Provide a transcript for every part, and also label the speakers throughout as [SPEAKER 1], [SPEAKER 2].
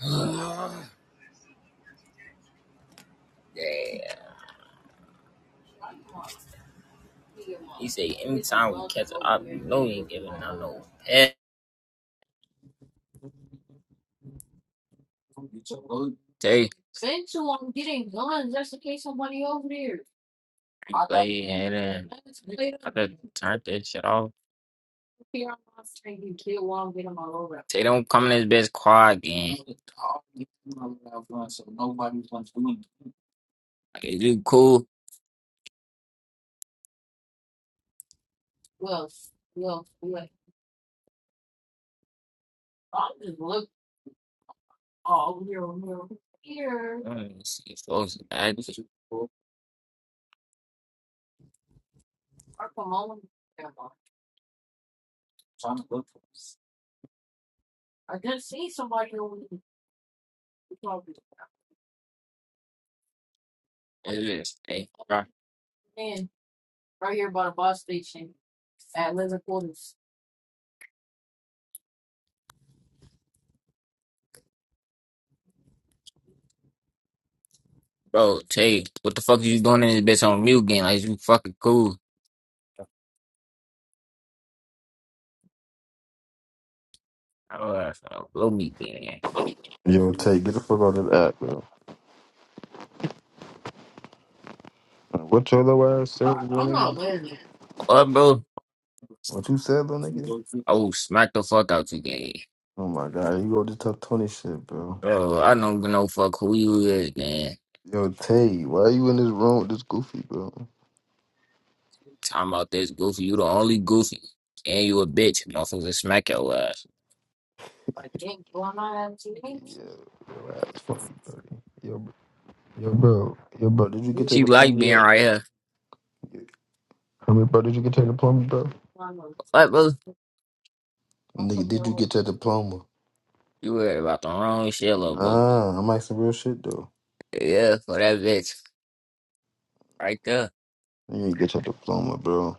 [SPEAKER 1] yeah. He say anytime we catch up, you know he ain't giving out no pet. Tay, play and then I just turned that shit off. Tay don't come in this bitch car again. Like, is you cool? Let me see, folks. I just it is. Hey, bro, bro, Tay, what the fuck are you doing in this bitch on mute game? Like, is you fucking cool? I was uh, blow me, gang.
[SPEAKER 2] Yo, Tay, get the fuck out of that app, bro. Like, What your little ass said, little nigga?
[SPEAKER 1] What, bro?
[SPEAKER 2] What you said, little nigga?
[SPEAKER 1] I will smack the fuck out you, gang.
[SPEAKER 2] Oh my god, you go to top twenty shit, bro.
[SPEAKER 1] Oh, I don't give no fuck who you is, man.
[SPEAKER 2] Yo, Tay, why you in this room with this goofy, bro?
[SPEAKER 1] Talking about this goofy, you the only goofy, and you a bitch. Motherfuckers smack your ass.
[SPEAKER 2] Yeah, your ass fucking dirty. Yo, br- yo, bro, yo, bro, did you get your
[SPEAKER 1] She like
[SPEAKER 2] diploma
[SPEAKER 1] being
[SPEAKER 2] yet?
[SPEAKER 1] right here.
[SPEAKER 2] Tell me, bro, did you get your diploma, bro?
[SPEAKER 1] What, boo?
[SPEAKER 2] Nigga, did you get your diploma?
[SPEAKER 1] You worry about the wrong shit, little boo.
[SPEAKER 2] Nah, I'm asking real shit though.
[SPEAKER 1] Yeah, for that bitch right there.
[SPEAKER 2] You did get your diploma, bro.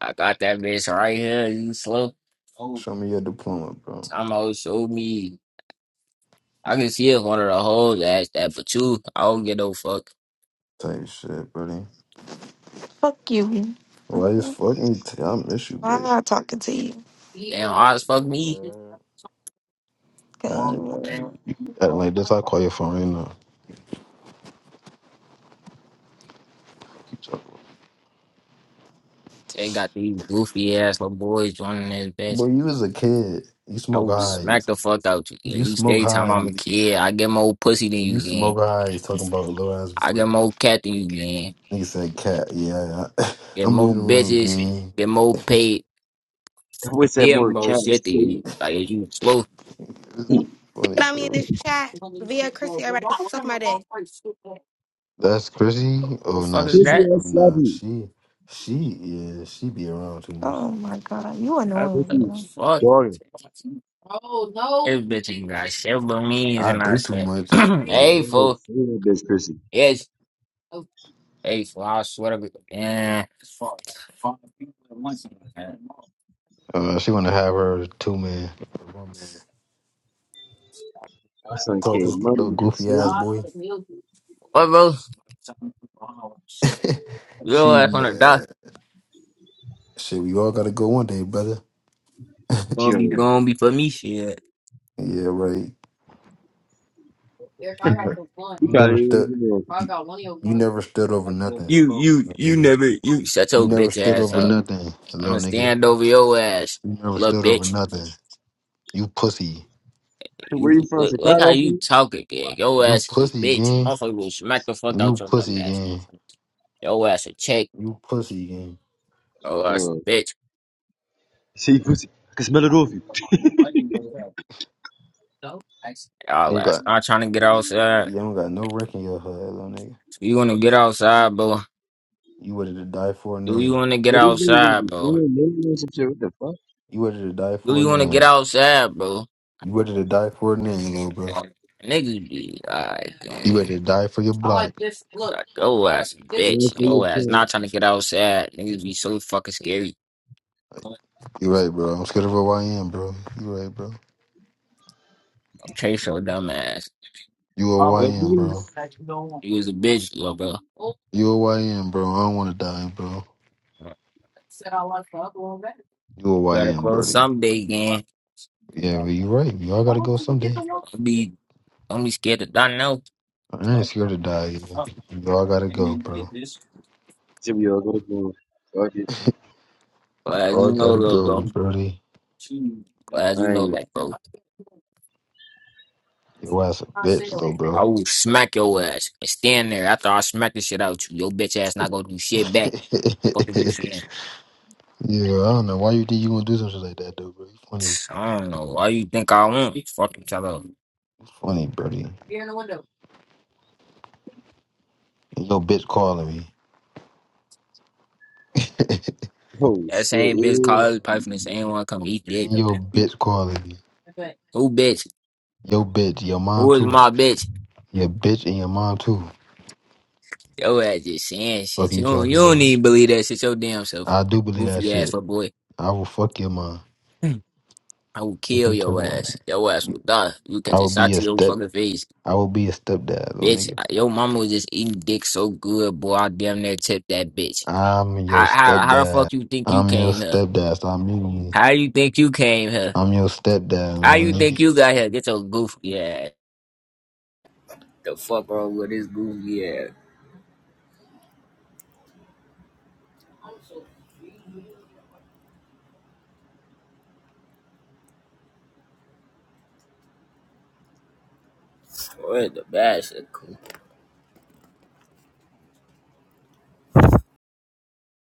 [SPEAKER 1] I got that bitch right here. You slow. Oh,
[SPEAKER 2] Show me your diploma, bro.
[SPEAKER 1] time out. Show me. I can see if one of the hoes asked that, but you, I don't get no fuck.
[SPEAKER 2] Type shit, buddy.
[SPEAKER 3] Fuck you.
[SPEAKER 2] Why you fucking? Tay? I miss you,
[SPEAKER 3] Why am
[SPEAKER 2] babe.
[SPEAKER 3] I talking to you?
[SPEAKER 1] Damn, hard as fuck me.
[SPEAKER 2] I,
[SPEAKER 3] Cause you were,
[SPEAKER 2] like this, I call your phone right now.
[SPEAKER 1] They got these goofy ass little boys joining this bitch.
[SPEAKER 2] Boy, you was a kid. You
[SPEAKER 1] I
[SPEAKER 2] smoke
[SPEAKER 1] would smack
[SPEAKER 2] highs.
[SPEAKER 1] the fuck out you. Yeah,
[SPEAKER 2] You
[SPEAKER 1] he
[SPEAKER 2] smoke
[SPEAKER 1] stay time I'm a
[SPEAKER 2] high.
[SPEAKER 1] kid. I get more pussy than you
[SPEAKER 2] You
[SPEAKER 1] get.
[SPEAKER 2] smoke highs. Talking about a little ass
[SPEAKER 1] I get
[SPEAKER 2] boy.
[SPEAKER 1] more cat than you get.
[SPEAKER 2] Nigga said, "Cat, yeah, I,
[SPEAKER 1] Get
[SPEAKER 2] I'm doing
[SPEAKER 1] more
[SPEAKER 2] the wrong
[SPEAKER 1] bitches.
[SPEAKER 2] game."
[SPEAKER 1] Get more paid.
[SPEAKER 4] What's that
[SPEAKER 1] Get
[SPEAKER 4] word?
[SPEAKER 1] more
[SPEAKER 4] Cat is
[SPEAKER 1] shit than you.
[SPEAKER 4] crazy.
[SPEAKER 1] Like if you slow. What
[SPEAKER 2] This nigga
[SPEAKER 5] Get
[SPEAKER 2] funny,
[SPEAKER 5] on me in
[SPEAKER 2] bro.
[SPEAKER 5] this chat via Chrissy. Everybody can suck my dick.
[SPEAKER 2] That's Chrissy.
[SPEAKER 1] the
[SPEAKER 2] Oh
[SPEAKER 1] fuck
[SPEAKER 2] nah,
[SPEAKER 1] is
[SPEAKER 2] she.
[SPEAKER 4] Chrissy
[SPEAKER 1] that?
[SPEAKER 2] Oh
[SPEAKER 4] ass
[SPEAKER 2] nah,
[SPEAKER 4] seven.
[SPEAKER 2] she. She yeah, she be around too much.
[SPEAKER 3] oh my god, you
[SPEAKER 1] What
[SPEAKER 4] Chrissy's
[SPEAKER 3] annoying.
[SPEAKER 1] the fuck?
[SPEAKER 4] daughter.
[SPEAKER 1] Oh no. This bitch ain't got shit but means
[SPEAKER 2] I
[SPEAKER 1] and I
[SPEAKER 2] do too
[SPEAKER 1] said,
[SPEAKER 2] much.
[SPEAKER 4] Hey,
[SPEAKER 1] hey
[SPEAKER 4] hey,
[SPEAKER 1] fool.
[SPEAKER 4] say that bitch, Chrissy. My
[SPEAKER 1] Yes. Hey fool. I swear to God. Man. Fuck.
[SPEAKER 2] Uh, she wanna have her two man. her one man.
[SPEAKER 4] son
[SPEAKER 2] Talk to this
[SPEAKER 4] came money
[SPEAKER 2] little
[SPEAKER 4] in the
[SPEAKER 2] goofy ass
[SPEAKER 4] cities.
[SPEAKER 2] boy.
[SPEAKER 1] What bro? Your
[SPEAKER 2] she
[SPEAKER 1] ass on the
[SPEAKER 2] mad.
[SPEAKER 1] dock.
[SPEAKER 2] Shit, we all gotta go one day, brother.
[SPEAKER 1] Gonna
[SPEAKER 4] Yo,
[SPEAKER 1] be gonna be for me shit.
[SPEAKER 2] Yeah, right. You never,
[SPEAKER 4] you
[SPEAKER 2] you
[SPEAKER 4] probably
[SPEAKER 2] never
[SPEAKER 4] didn't
[SPEAKER 2] stood.
[SPEAKER 4] even know.
[SPEAKER 2] You, you never stood over nothing,
[SPEAKER 1] You you
[SPEAKER 2] little
[SPEAKER 1] you
[SPEAKER 2] nigga.
[SPEAKER 1] never you shut
[SPEAKER 2] You
[SPEAKER 1] your
[SPEAKER 2] never
[SPEAKER 1] bitch
[SPEAKER 2] stood
[SPEAKER 1] ass
[SPEAKER 2] over
[SPEAKER 1] up.
[SPEAKER 2] nothing,
[SPEAKER 1] I'ma
[SPEAKER 2] little nigga.
[SPEAKER 1] stand over your ass,
[SPEAKER 2] You never
[SPEAKER 1] little
[SPEAKER 2] stood over
[SPEAKER 1] bitch.
[SPEAKER 2] nothing. You pussy.
[SPEAKER 4] Hey, Where you
[SPEAKER 1] You,
[SPEAKER 4] from?
[SPEAKER 1] look, look how
[SPEAKER 4] Chicago
[SPEAKER 1] you
[SPEAKER 4] from?
[SPEAKER 1] talk again. Your
[SPEAKER 2] You
[SPEAKER 1] ass is a
[SPEAKER 2] pussy
[SPEAKER 1] bitch.
[SPEAKER 2] gang,
[SPEAKER 1] I'm fucking gonna smack the fuck out
[SPEAKER 2] You
[SPEAKER 1] your dumb
[SPEAKER 2] pussy
[SPEAKER 1] ass.
[SPEAKER 2] gang,
[SPEAKER 1] Your ass a chick.
[SPEAKER 2] You pussy gang.
[SPEAKER 1] Your ass
[SPEAKER 4] No.
[SPEAKER 1] a bitch.
[SPEAKER 4] See, pussy. I can smell it off you.
[SPEAKER 2] You
[SPEAKER 1] Y'all
[SPEAKER 2] don't
[SPEAKER 1] ass
[SPEAKER 2] got.
[SPEAKER 1] not trying to get outside.
[SPEAKER 2] You don't got no wreck in your hood, little nigga.
[SPEAKER 1] You wanna get outside, bro?
[SPEAKER 2] You ready to die for a
[SPEAKER 1] Do you
[SPEAKER 2] name?
[SPEAKER 1] wanna get
[SPEAKER 4] Well, these niggas don't
[SPEAKER 1] outside,
[SPEAKER 4] be
[SPEAKER 1] bro?
[SPEAKER 4] saying names or some shit. What the fuck?
[SPEAKER 2] You ready to die
[SPEAKER 1] Do
[SPEAKER 2] for a
[SPEAKER 1] you wanna get
[SPEAKER 2] name?
[SPEAKER 1] outside, bro?
[SPEAKER 2] You ready to die for a name, little bro?
[SPEAKER 1] Niggas be alright.
[SPEAKER 2] You ready to die for your block?
[SPEAKER 1] Like, oh ass
[SPEAKER 4] Good
[SPEAKER 1] bitch.
[SPEAKER 4] for your
[SPEAKER 1] Yo ass
[SPEAKER 4] pride.
[SPEAKER 1] not trying to get outside. Niggas be so fucking scary.
[SPEAKER 2] You right, bro. I'm scared of a YN, bro. You right, bro.
[SPEAKER 1] Chase your dumb ass.
[SPEAKER 2] You a
[SPEAKER 4] It could
[SPEAKER 2] YN,
[SPEAKER 4] be
[SPEAKER 2] bro.
[SPEAKER 4] this.
[SPEAKER 1] you was a bitch, little bro.
[SPEAKER 2] You a YN, bro. I don't want to die, bro. You a
[SPEAKER 1] Gotta
[SPEAKER 2] YN,
[SPEAKER 1] grow
[SPEAKER 2] brody.
[SPEAKER 1] someday again.
[SPEAKER 2] Yeah, but you right. You all gotta go someday.
[SPEAKER 1] Don't be don't be scared to die now.
[SPEAKER 2] I ain't scared to die. Either. You all gotta go, bro.
[SPEAKER 4] See, we all go to Fuck it.
[SPEAKER 1] But
[SPEAKER 2] You
[SPEAKER 1] as
[SPEAKER 2] all
[SPEAKER 1] you know,
[SPEAKER 2] gotta
[SPEAKER 1] little
[SPEAKER 2] go,
[SPEAKER 1] bro.
[SPEAKER 2] brody.
[SPEAKER 1] But as you
[SPEAKER 4] I
[SPEAKER 1] know,
[SPEAKER 4] ain't.
[SPEAKER 1] like bro.
[SPEAKER 2] Your ass a
[SPEAKER 1] i
[SPEAKER 2] bitch, though, bro.
[SPEAKER 1] will smack your ass and stand there after I smack the shit out you. Your bitch ass not gonna do
[SPEAKER 2] yeah,
[SPEAKER 1] shit back. Fuck is you saying?
[SPEAKER 2] I don't know why you think you gonna do something like that, though, bro. You funny,
[SPEAKER 1] I don't know. Why you think I want? Fucking tell her.
[SPEAKER 2] you funny, brody. And your bitch calling me.
[SPEAKER 4] Oh,
[SPEAKER 1] That
[SPEAKER 4] shit.
[SPEAKER 1] same bitch
[SPEAKER 4] Yeah.
[SPEAKER 1] called pipe and same one come eat dick.
[SPEAKER 2] and
[SPEAKER 1] up
[SPEAKER 2] your
[SPEAKER 1] there.
[SPEAKER 2] bitch calling me.
[SPEAKER 1] Who bitch?
[SPEAKER 2] Your bitch, your mom
[SPEAKER 1] Who is
[SPEAKER 2] too.
[SPEAKER 1] my bitch?
[SPEAKER 2] Your bitch and your mom too.
[SPEAKER 1] Yo ass just saying
[SPEAKER 2] Fuck
[SPEAKER 1] shit. You
[SPEAKER 2] you
[SPEAKER 1] don't, you
[SPEAKER 2] talking
[SPEAKER 1] don't
[SPEAKER 2] about.
[SPEAKER 1] need to believe that shit your damn self.
[SPEAKER 2] I do believe that
[SPEAKER 1] Goofy ass
[SPEAKER 2] shit.
[SPEAKER 1] little boy.
[SPEAKER 2] I will fuck your mom.
[SPEAKER 1] I will
[SPEAKER 2] Fuck
[SPEAKER 1] kill
[SPEAKER 2] you
[SPEAKER 1] your
[SPEAKER 2] talking about.
[SPEAKER 1] ass. Your ass will die. You
[SPEAKER 2] I
[SPEAKER 1] catch a
[SPEAKER 2] will be
[SPEAKER 1] shot
[SPEAKER 2] your
[SPEAKER 1] to your
[SPEAKER 2] step.
[SPEAKER 1] fucking face.
[SPEAKER 2] I will be your stepdad, little
[SPEAKER 1] Bitch,
[SPEAKER 2] nigga.
[SPEAKER 1] your mama was just eating dick so good, boy. I damn near tipped that bitch.
[SPEAKER 2] I'm your
[SPEAKER 1] How, how, how the
[SPEAKER 2] stepdad.
[SPEAKER 1] fuck you think you
[SPEAKER 2] I'm your
[SPEAKER 1] came here?
[SPEAKER 2] stepdad. Stop muting me.
[SPEAKER 1] How you think you came here?
[SPEAKER 2] I'm your stepdad,
[SPEAKER 1] How
[SPEAKER 2] little
[SPEAKER 1] you
[SPEAKER 2] nigga.
[SPEAKER 1] think you got here? Get your goofy ass. The fuck wrong with this goofy ass? We're the best. Cool.